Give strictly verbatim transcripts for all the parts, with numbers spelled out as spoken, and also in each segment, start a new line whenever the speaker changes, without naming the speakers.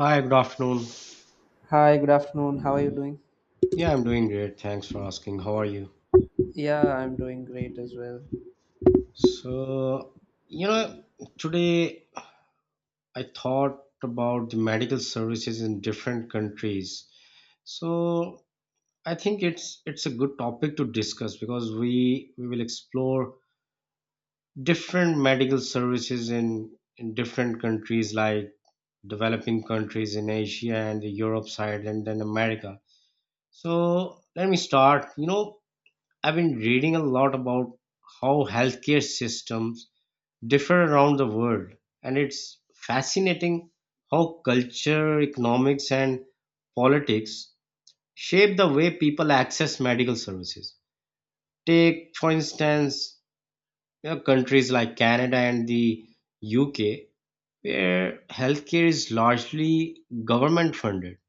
Hi, good afternoon.
Hi, good afternoon. How are you doing?
Yeah, I'm doing great. Thanks for asking. How are you?
Yeah, I'm doing great as well.
So, you know, today I thought about the medical services in different countries. So, I think it's it's a good topic to discuss because we we will explore different medical services in in different countries like developing countries in Asia and the Europe side and then America. So, let me start. You know, I've been reading a lot about how healthcare systems differ around the world, and it's fascinating how culture, economics, and politics shape the way people access medical services. Take, for instance, you know, countries like Canada and the U K, where healthcare is largely government funded.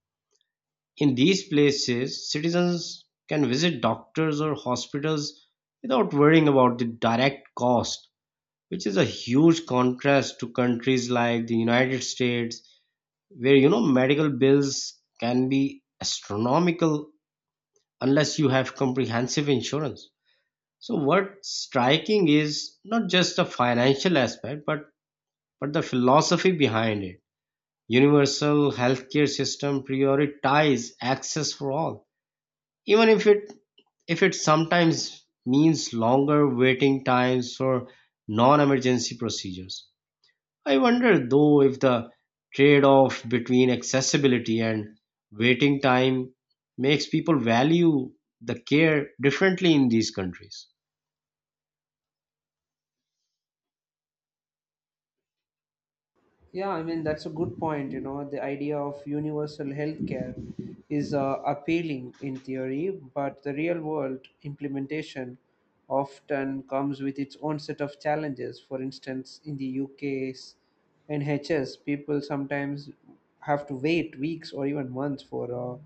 In these places, citizens can visit doctors or hospitals without worrying about the direct cost, which is a huge contrast to countries like the United States, where you know medical bills can be astronomical unless you have comprehensive insurance. So what's striking is not just the financial aspect, but but the philosophy behind it. Universal healthcare system prioritize access for all, even if it if it sometimes means longer waiting times for non-emergency procedures. I wonder though if the trade-off between accessibility and waiting time makes people value the care differently in these countries.
Yeah, I mean, that's a good point. You know, the idea of universal healthcare is uh, appealing in theory, but the real world implementation often comes with its own set of challenges. For instance, in the U K's N H S, people sometimes have to wait weeks or even months for uh,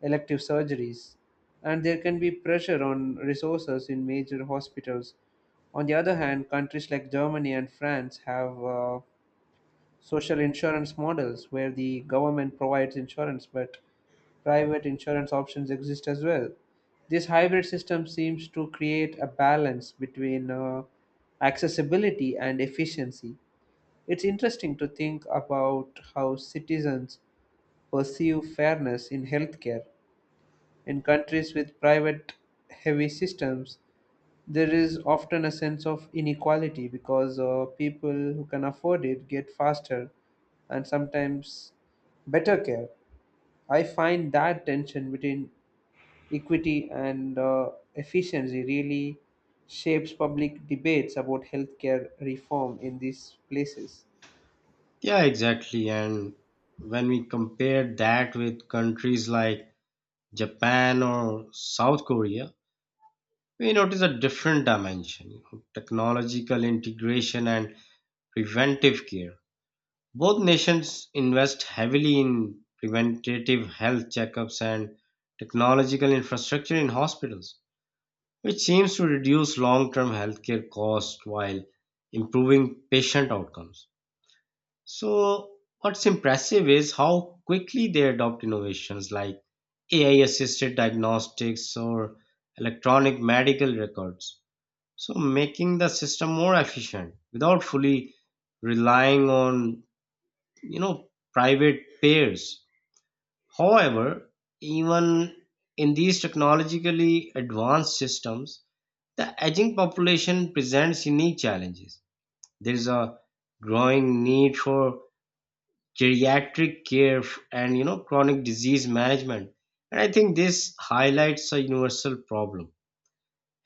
elective surgeries, and there can be pressure on resources in major hospitals. On the other hand, countries like Germany and France have. Uh, social insurance models where the government provides insurance but private insurance options exist as well. This hybrid system seems to create a balance between uh, accessibility and efficiency. It's interesting to think about how citizens perceive fairness in healthcare. In countries with private heavy systems, there is often a sense of inequality because uh, people who can afford it get faster and sometimes better care. I find that tension between equity and uh, efficiency really shapes public debates about healthcare reform in these places.
Yeah, exactly. And when we compare that with countries like Japan or South Korea, we notice a different dimension. you know, technological integration and preventive care. Both nations invest heavily in preventative health checkups and technological infrastructure in hospitals, which seems to reduce long term healthcare costs while improving patient outcomes. So, what's impressive is how quickly they adopt innovations like A I assisted diagnostics or electronic medical records. So, making the system more efficient without fully relying on you know private pairs. However, even in these technologically advanced systems, the aging population presents unique challenges. There is a growing need for geriatric care f- and you know chronic disease management. And I think this highlights a universal problem.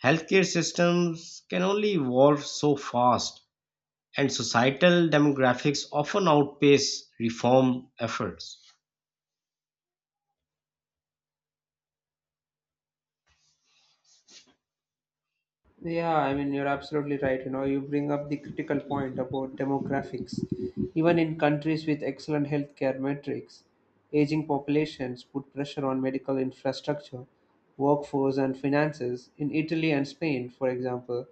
Healthcare systems can only evolve so fast, and societal demographics often outpace reform efforts.
Yeah, I mean, you're absolutely right. You know, you bring up the critical point about demographics. Even in countries with excellent healthcare metrics, aging populations put pressure on medical infrastructure, workforce, and finances. In Italy and Spain, for example,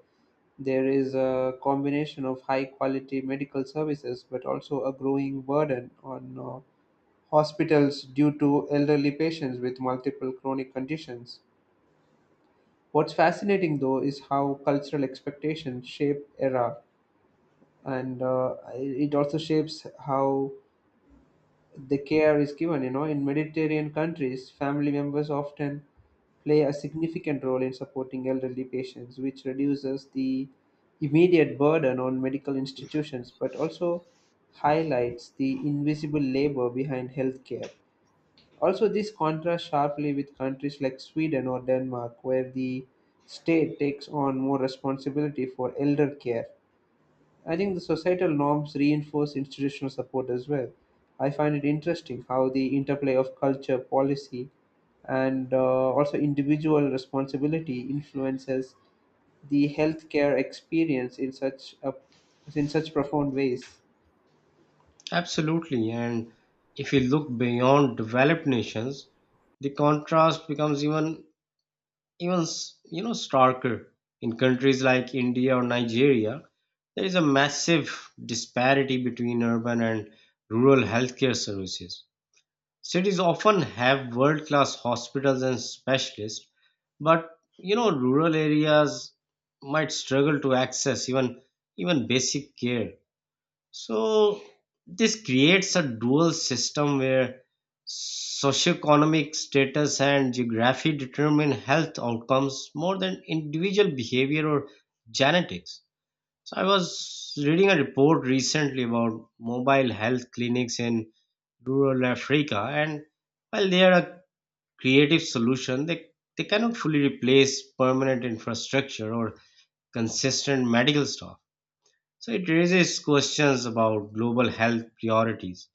there is a combination of high quality medical services but also a growing burden on uh, hospitals due to elderly patients with multiple chronic conditions. What's fascinating though is how cultural expectations shape era, and uh, it also shapes how the care is given. You know, in Mediterranean countries, family members often play a significant role in supporting elderly patients, which reduces the immediate burden on medical institutions, but also highlights the invisible labor behind healthcare. Also, this contrasts sharply with countries like Sweden or Denmark, where the state takes on more responsibility for elder care. I think the societal norms reinforce institutional support as well. I find it interesting how the interplay of culture, policy, and uh, also individual responsibility influences the healthcare experience in such a, in such profound ways.
Absolutely. And if you look beyond developed nations, the contrast becomes even even s- you know starker. In countries like India or Nigeria, there is a massive disparity between urban and rural healthcare services. Cities often have world-class hospitals and specialists, but you know rural areas might struggle to access even even basic care. So this creates a dual system where socioeconomic status and geography determine health outcomes more than individual behavior or genetics. So I was reading a report recently about mobile health clinics in rural Africa, and while they are a creative solution, they, they cannot fully replace permanent infrastructure or consistent medical staff. So it raises questions about global health priorities.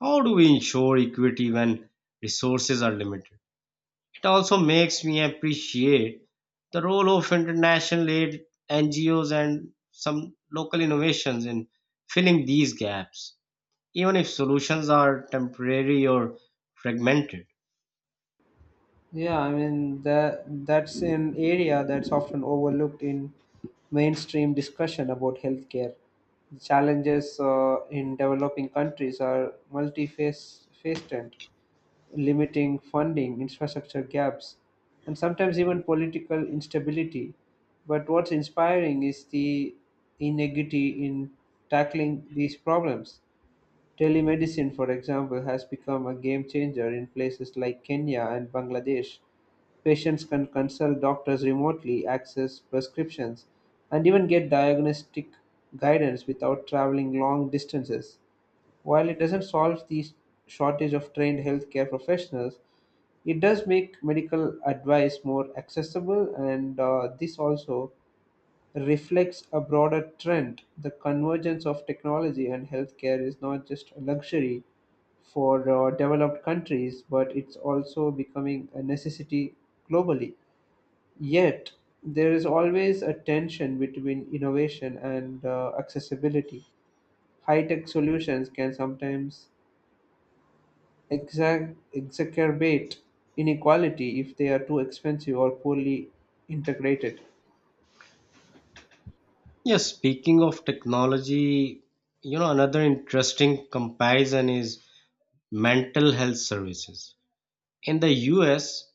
How do we ensure equity when resources are limited? It also makes me appreciate the role of international aid, N G Os, and some local innovations in filling these gaps, even if solutions are temporary or fragmented.
Yeah, I mean that that's an area that's often overlooked in mainstream discussion about healthcare. The challenges uh, in developing countries are multifaceted, limiting funding, infrastructure gaps, and sometimes even political instability. But what's inspiring is the inequity in tackling these problems. Telemedicine, for example, has become a game changer in places like Kenya and Bangladesh. Patients can consult doctors remotely, access prescriptions, and even get diagnostic guidance without traveling long distances. While it doesn't solve the shortage of trained healthcare professionals, it does make medical advice more accessible, and uh, this also reflects a broader trend. The convergence of technology and healthcare is not just a luxury for uh, developed countries, but it's also becoming a necessity globally. Yet, there is always a tension between innovation and uh, accessibility. High tech solutions can sometimes exac- exacerbate inequality if they are too expensive or poorly integrated.
Yes, speaking of technology, you know, another interesting comparison is mental health services. In the U S,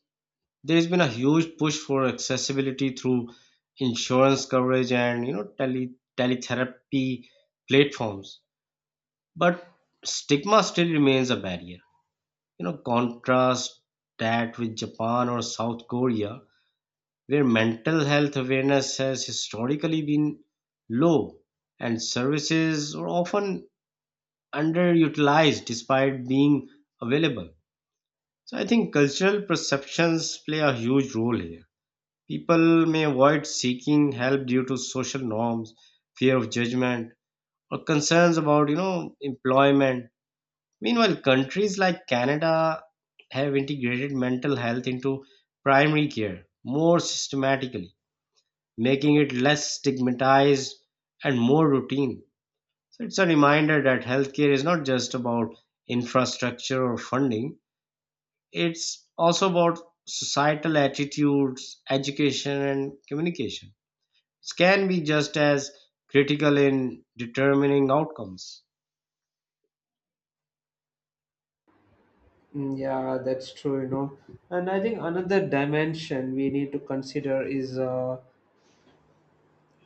there's been a huge push for accessibility through insurance coverage and you know tele teletherapy platforms, but stigma still remains a barrier. You know, contrast that with Japan or South Korea, where mental health awareness has historically been low and services are often underutilized despite being available. So I think cultural perceptions play a huge role here. People may avoid seeking help due to social norms, fear of judgment, or concerns about, you know, employment. Meanwhile, countries like Canada have integrated mental health into primary care more systematically, making it less stigmatized and more routine. So it's a reminder that healthcare is not just about infrastructure or funding, it's also about societal attitudes, education, and communication. Can be just as critical in determining outcomes.
Mm, yeah, that's true, you know. And I think another dimension we need to consider is uh,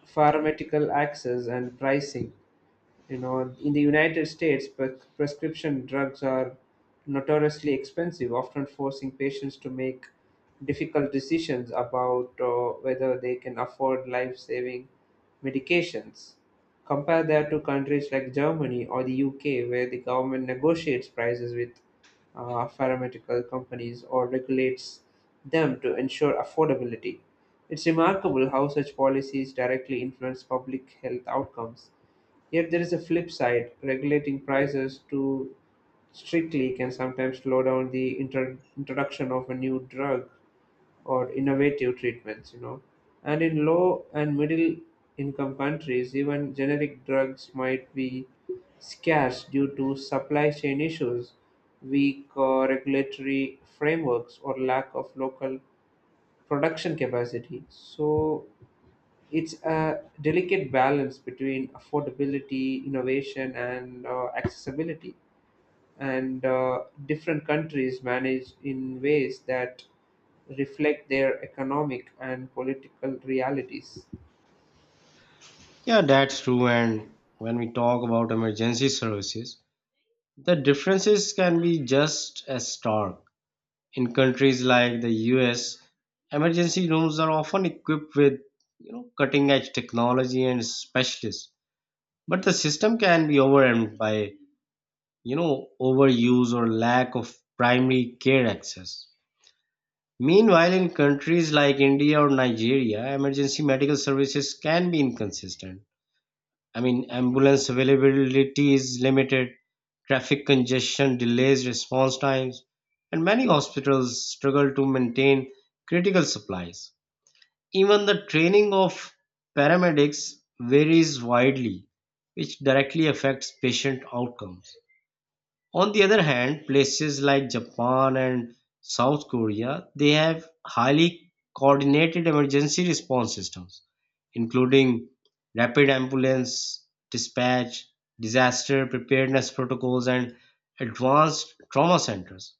pharmaceutical access and pricing. You know, in the United States, pre- prescription drugs are notoriously expensive, often forcing patients to make difficult decisions about uh, whether they can afford life-saving medications. Compare that to countries like Germany or the UK, where the government negotiates prices with uh, pharmaceutical companies or regulates them to ensure affordability. It's remarkable how such policies directly influence public health outcomes. Yet there is a flip side: regulating prices too strictly can sometimes slow down the intro- introduction of a new drug or innovative treatments, you know. And in low and middle income countries, even generic drugs might be scarce due to supply chain issues, weak uh, regulatory frameworks, or lack of local production capacity. So, it's a delicate balance between affordability, innovation, and uh, accessibility. And uh, different countries manage in ways that reflect their economic and political realities.
Yeah, that's true. And when we talk about emergency services, the differences can be just as stark. In countries like the U S, emergency rooms are often equipped with you know cutting edge technology and specialists. But the system can be overwhelmed by you know overuse or lack of primary care access. Meanwhile, in countries like India or Nigeria, emergency medical services can be inconsistent. I mean, ambulance availability is limited, traffic congestion delays response times, and many hospitals struggle to maintain critical supplies. Even the training of paramedics varies widely, which directly affects patient outcomes. On the other hand, places like Japan and South Korea, they have highly coordinated emergency response systems, including rapid ambulance dispatch, disaster preparedness protocols, and advanced trauma centers.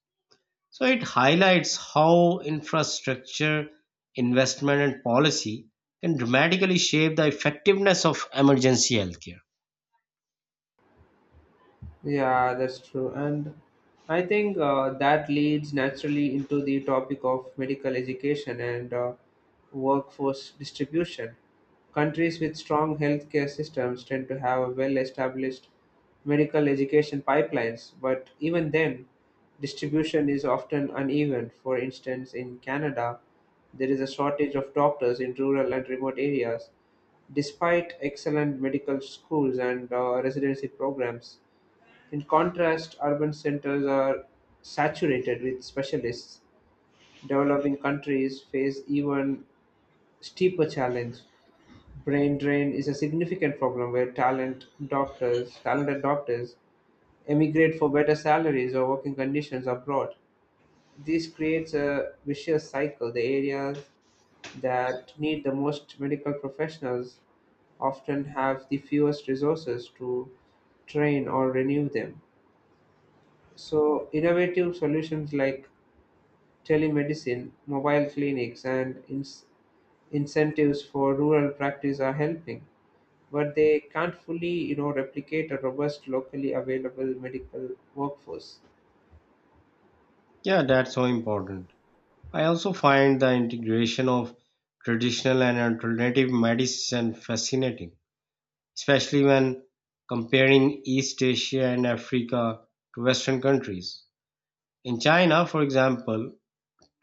So it highlights how infrastructure, investment, and policy can dramatically shape the effectiveness of emergency healthcare.
Yeah, that's true. And I think uh, that leads naturally into the topic of medical education and uh, workforce distribution. Countries with strong healthcare systems tend to have well established medical education pipelines, but even then, distribution is often uneven. For instance, in Canada, there is a shortage of doctors in rural and remote areas, despite excellent medical schools and uh, residency programs. In contrast, urban centers are saturated with specialists. Developing countries face even steeper challenge. Brain drain is a significant problem where talent doctors, talented doctors emigrate for better salaries or working conditions abroad. This creates a vicious cycle. The areas that need the most medical professionals often have the fewest resources to train or renew them. So, innovative solutions like telemedicine, mobile clinics, and ins- incentives for rural practice are helping, but they can't fully, you know, replicate a robust, locally available medical workforce.
Yeah, that's so important. I also find the integration of traditional and alternative medicine fascinating, especially when comparing East Asia and Africa to Western countries. In China, for example,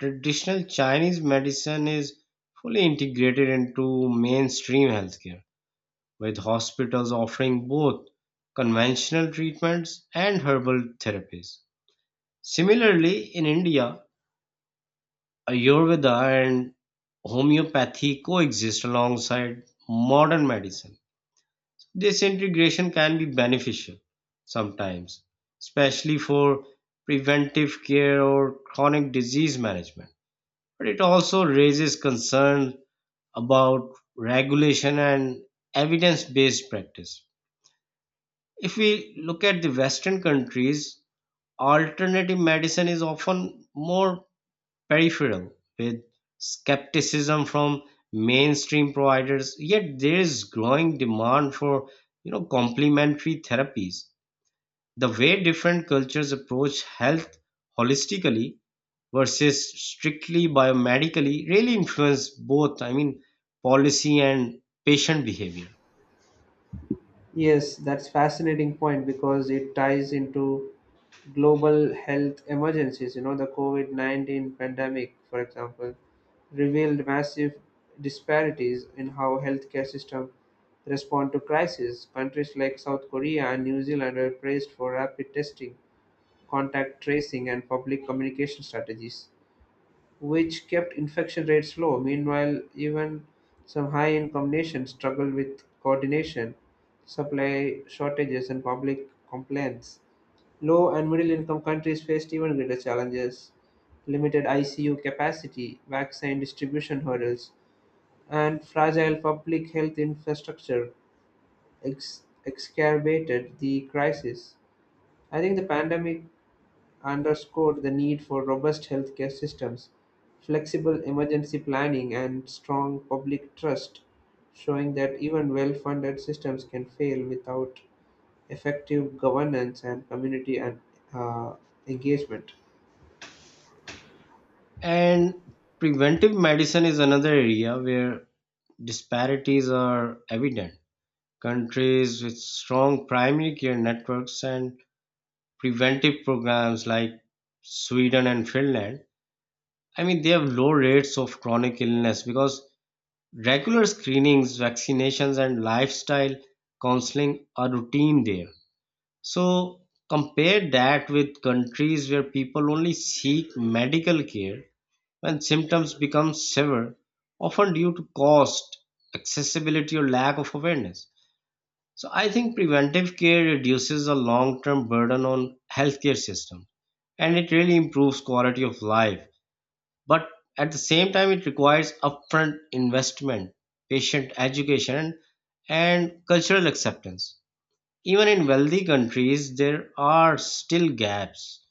traditional Chinese medicine is fully integrated into mainstream healthcare, with hospitals offering both conventional treatments and herbal therapies. Similarly, in India, Ayurveda and homeopathy coexist alongside modern medicine. This integration can be beneficial sometimes, especially for preventive care or chronic disease management. But it also raises concern about regulation and evidence based practice. If we look at the Western countries, alternative medicine is often more peripheral, with skepticism from mainstream providers. Yet there is growing demand for you know complementary therapies. The way different cultures approach health holistically versus strictly biomedically really influence both, i mean policy and patient behavior.
Yes, that's fascinating point because it ties into global health emergencies. You know, the COVID nineteen pandemic, for example, revealed massive disparities in how healthcare system respond to crisis. Countries like South Korea and New Zealand are praised for rapid testing, contact tracing, and public communication strategies which kept infection rates low. Meanwhile, even some high income nations struggled with coordination, supply shortages, and public complaints. Low and middle income countries faced even greater challenges: limited I C U capacity, vaccine distribution hurdles, and fragile public health infrastructure ex- exacerbated the crisis. I think the pandemic underscored the need for robust healthcare systems, flexible emergency planning, and strong public trust, showing that even well funded systems can fail without effective governance and community and, uh, engagement.
And preventive medicine is another area where disparities are evident. Countries with strong primary care networks and preventive programs like Sweden and Finland, I mean, they have low rates of chronic illness because regular screenings, vaccinations, and lifestyle counseling are routine there. So, compare that with countries where people only seek medical care when symptoms become severe, often due to cost, accessibility, or lack of awareness. So I think preventive care reduces the long-term burden on healthcare system and it really improves quality of life. But at the same time, it requires upfront investment, patient education, and cultural acceptance. Even in wealthy countries, there are still gaps.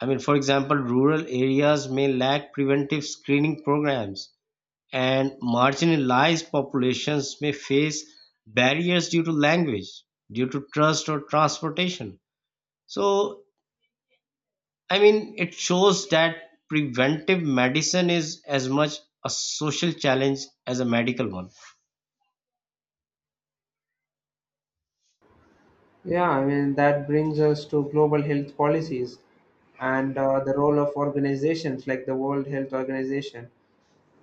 I mean, for example, rural areas may lack preventive screening programs and marginalized populations may face barriers due to language, due to trust or transportation. So, I mean, it shows that preventive medicine is as much a social challenge as a medical one.
Yeah, I mean, that brings us to global health policies and uh, the role of organizations like the World Health Organization.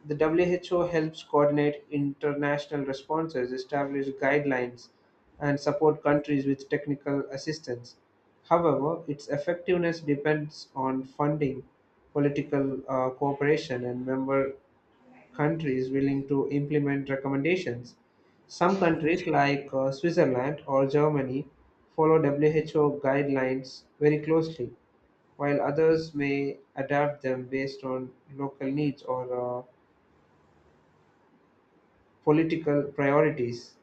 The W H O helps coordinate international responses, establish guidelines, and support countries with technical assistance. However, its effectiveness depends on funding, political uh, cooperation, and member countries willing to implement recommendations. Some countries, like uh, Switzerland or Germany, follow W H O guidelines very closely, while others may adapt them based on local needs or uh, political priorities.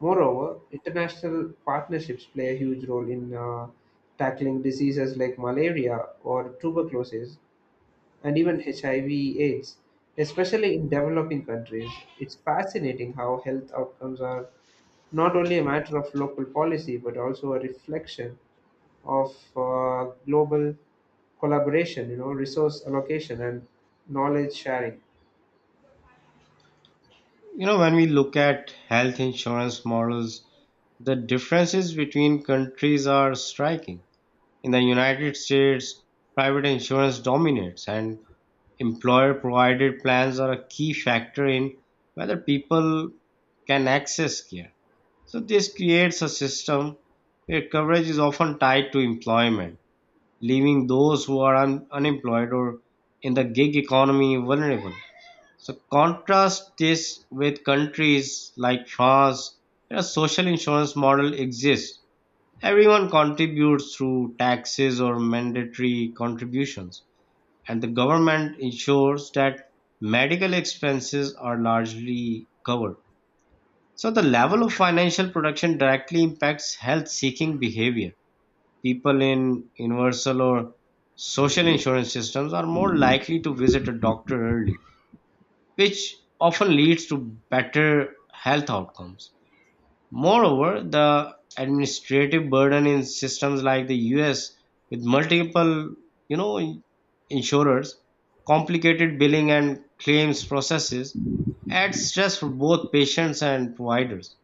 Moreover, international partnerships play a huge role in uh, tackling diseases like malaria or tuberculosis and even H I V/AIDS, especially in developing countries. It's fascinating how health outcomes are not only a matter of local policy but also a reflection of uh, global collaboration, you know, resource allocation and knowledge sharing.
You know, when we look at health insurance models, the differences between countries are striking. In the United States, private insurance dominates, and employer-provided plans are a key factor in whether people can access care. So this creates a system where coverage is often tied to employment, leaving those who are un- unemployed or in the gig economy vulnerable. So contrast this with countries like France, where a social insurance model exists. Everyone contributes through taxes or mandatory contributions, and the government ensures that medical expenses are largely covered. So, the level of financial protection directly impacts health seeking behavior. People in universal or social insurance systems are more likely to visit a doctor early, which often leads to better health outcomes. Moreover, the administrative burden in systems like the U S with multiple, you know, in- insurers, complicated billing and claims processes adds stress for both patients and providers.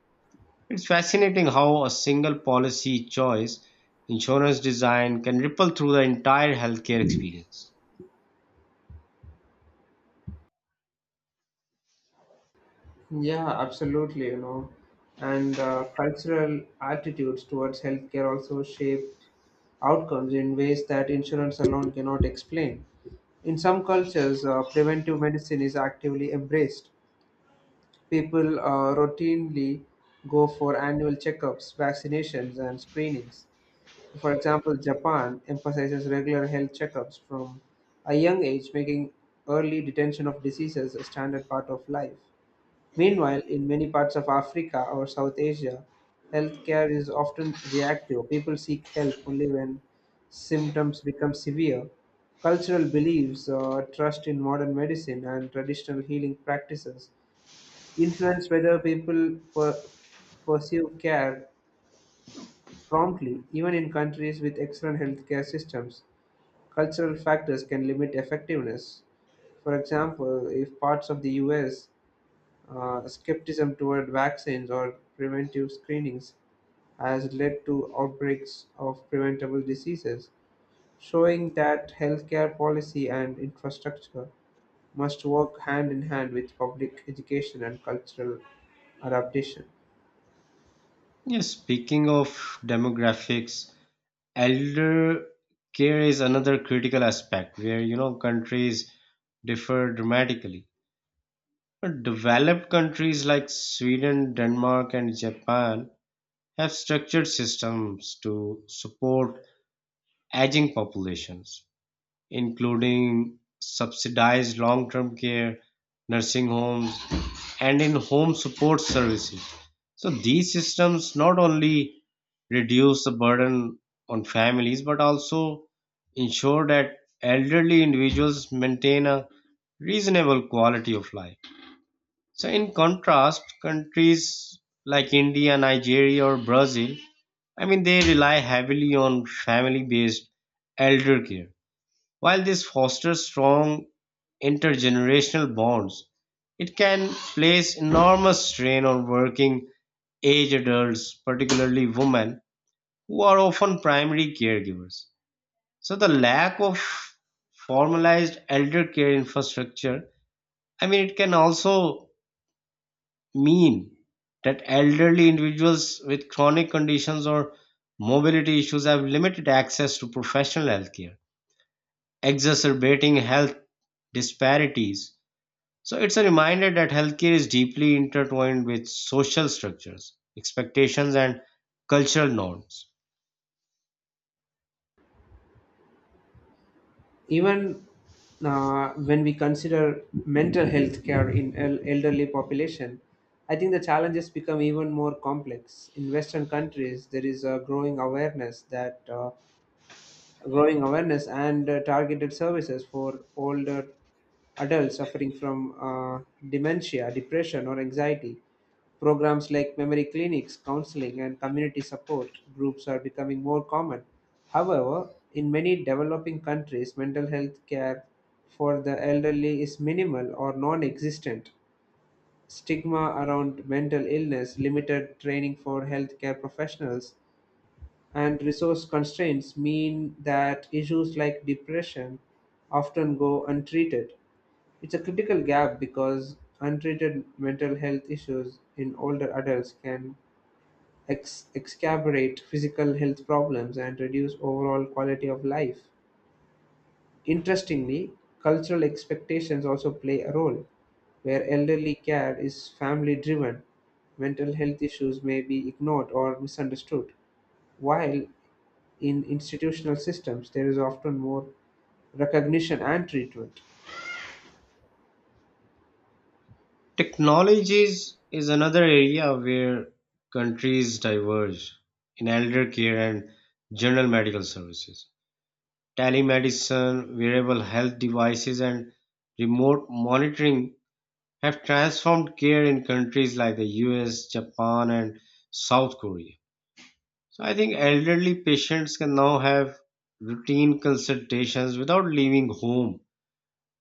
It's fascinating how a single policy choice, insurance design, can ripple through the entire healthcare experience.
Yeah, absolutely, you know. And uh, cultural attitudes towards healthcare also shape outcomes in ways that insurance alone cannot explain. In some cultures, uh, preventive medicine is actively embraced. People uh, routinely go for annual checkups, vaccinations, and screenings. For example, Japan emphasizes regular health checkups from a young age, making early detection of diseases a standard part of life. Meanwhile, in many parts of Africa or South Asia, healthcare is often reactive. People seek help only when symptoms become severe. Cultural beliefs, uh, trust in modern medicine, and traditional healing practices influence whether people per- pursue care promptly. Even in countries with excellent healthcare systems, cultural factors can limit effectiveness. For example, if parts of the U S uh, skepticism toward vaccines or preventive screenings has led to outbreaks of preventable diseases, showing that healthcare policy and infrastructure must work hand in hand with public education and cultural adaptation.
Yes, speaking of demographics, elder care is another critical aspect where you know countries differ dramatically. Developed countries like Sweden, Denmark, and Japan have structured systems to support aging populations, including subsidized long-term care, nursing homes, and in home support services. So these systems not only reduce the burden on families but also ensure that elderly individuals maintain a reasonable quality of life. So in contrast, countries like India, Nigeria or Brazil, I mean they rely heavily on family based elder care. While this fosters strong intergenerational bonds, it can place enormous strain on working age adults, particularly women, who are often primary caregivers. So, the lack of formalized elder care infrastructure, I mean, it can also mean that elderly individuals with chronic conditions or mobility issues have limited access to professional health care, exacerbating health disparities. So it's a reminder that healthcare is deeply intertwined with social structures, expectations, and cultural norms.
Even uh, when we consider mental health care in el- elderly population, I think the challenges become even more complex. In Western countries, there is a growing awareness that uh, growing awareness and uh, targeted services for older adults suffering from uh, dementia, depression, or anxiety. Programs like memory clinics, counseling, and community support groups are becoming more common. However, in many developing countries, mental health care for the elderly is minimal or non existent. Stigma around mental illness, limited training for healthcare professionals, and resource constraints mean that issues like depression often go untreated. It's a critical gap because untreated mental health issues in older adults can ex- exacerbate physical health problems and reduce overall quality of life. Interestingly, cultural expectations also play a role. Where elderly care is family driven, mental health issues may be ignored or misunderstood, while in institutional systems there is often more recognition and treatment.
Technologies is another area where countries diverge in elder care and general medical services. Telemedicine, wearable health devices, and remote monitoring have transformed care in countries like the U S, Japan, and South Korea. So I think elderly patients can now have routine consultations without leaving home,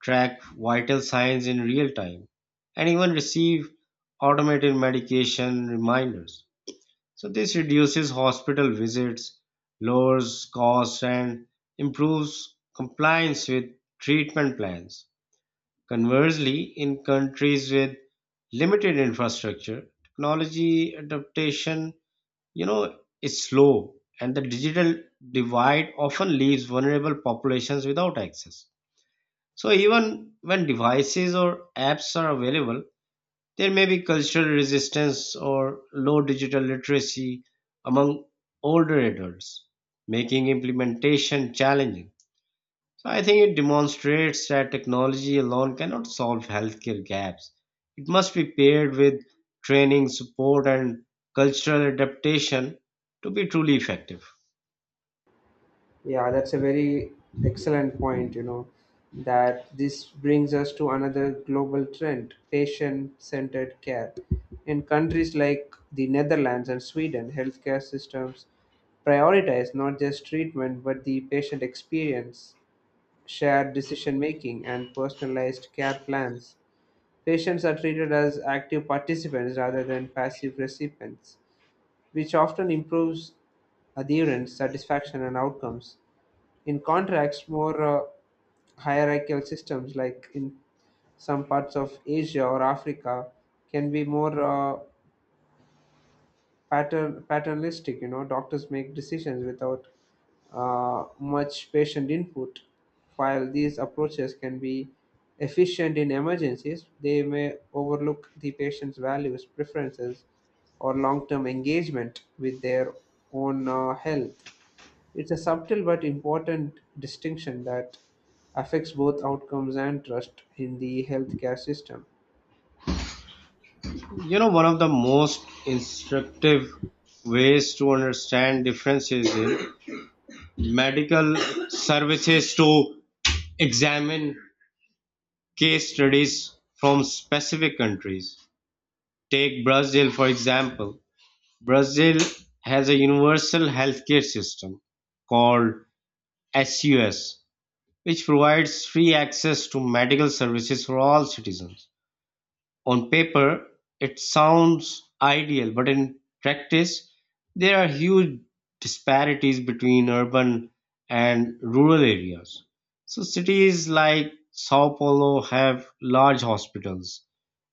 track vital signs in real time, and even receive automated medication reminders. So this reduces hospital visits, lowers costs, and improves compliance with treatment plans. Conversely, in countries with limited infrastructure, technology adaptation, you know, is slow, and the digital divide often leaves vulnerable populations without access. So even when devices or apps are available, there may be cultural resistance or low digital literacy among older adults, making implementation challenging. So I think it demonstrates that technology alone cannot solve healthcare gaps. It must be paired with training, support, and cultural adaptation to be truly effective.
Yeah, that's a very excellent point, you know, that this brings us to another global trend: patient centered care. In countries like the Netherlands and Sweden, healthcare systems prioritize not just treatment but the patient experience, shared decision making, and personalized care plans. Patients are treated as active participants rather than passive recipients, which often improves adherence, satisfaction, and outcomes. In contrast, more uh, hierarchical systems, like in some parts of Asia or Africa, can be more uh, pater- paternalistic. You know, doctors make decisions without uh, much patient input. While these approaches can be efficient in emergencies, they may overlook the patient's values, preferences, or long term engagement with their own uh, health. It's a subtle but important distinction that affects both outcomes and trust in the healthcare system.
You know, one of the most instructive ways to understand differences in medical services to examine case studies from specific countries. Take Brazil, for example. Brazil has a universal healthcare system called sus, which provides free access to medical services for all citizens. On paper, it sounds ideal, but in practice, there are huge disparities between urban and rural areas. So, cities like Sao Paulo have large hospitals,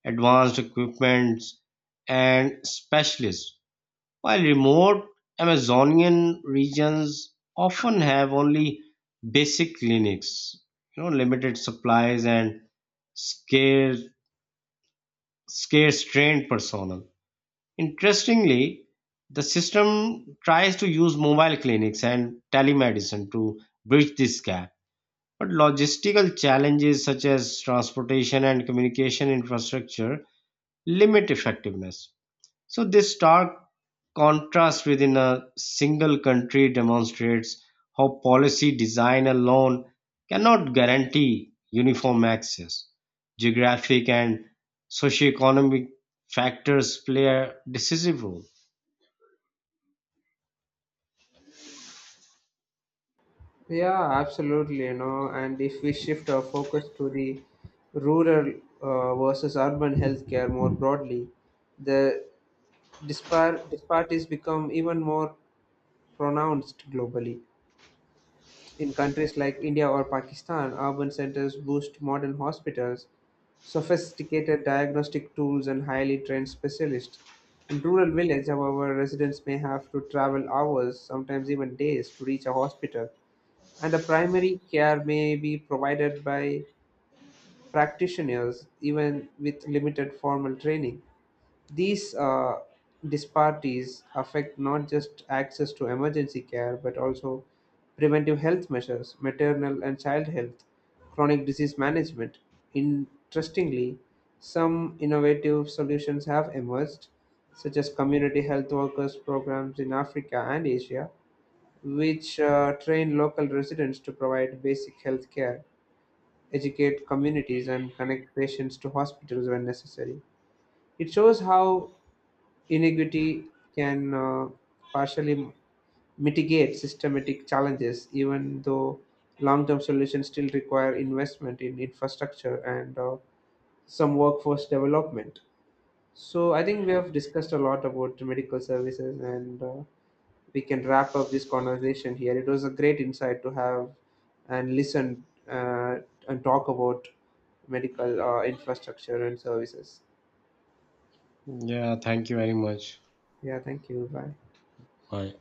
advanced equipments, and specialists, while remote Amazonian regions often have only basic clinics, you know, limited supplies and scarce, scarce trained personnel. Interestingly, the system tries to use mobile clinics and telemedicine to bridge this gap. But logistical challenges such as transportation and communication infrastructure limit effectiveness. So this stark contrast within a single country demonstrates how policy design alone cannot guarantee uniform access. Geographic and socioeconomic factors play a decisive role.
Yeah, absolutely. You know, and if we shift our focus to the rural uh, versus urban healthcare more broadly, the dispar- disparities become even more pronounced globally. In countries like India or Pakistan, urban centers boost modern hospitals, sophisticated diagnostic tools, and highly trained specialists. In rural village, however, residents may have to travel hours, sometimes even days, to reach a hospital and a primary care may be provided by practitioners even with limited formal training. These uh, disparities affect not just access to emergency care but also preventive health measures, maternal and child health, chronic disease management. Interestingly, some innovative solutions have emerged, such as community health workers programs in Africa and Asia, which uh, train local residents to provide basic health care, educate communities, and connect patients to hospitals when necessary. It shows how inequity can uh, partially mitigate systematic challenges, even though long term solutions still require investment in infrastructure and uh, some workforce development. So, I think we have discussed a lot about medical services and uh, we can wrap up this conversation here. It was a great insight to have and listen uh, and talk about medical uh, infrastructure and services.
Yeah, thank you very much.
Yeah, thank you. Bye.
Bye.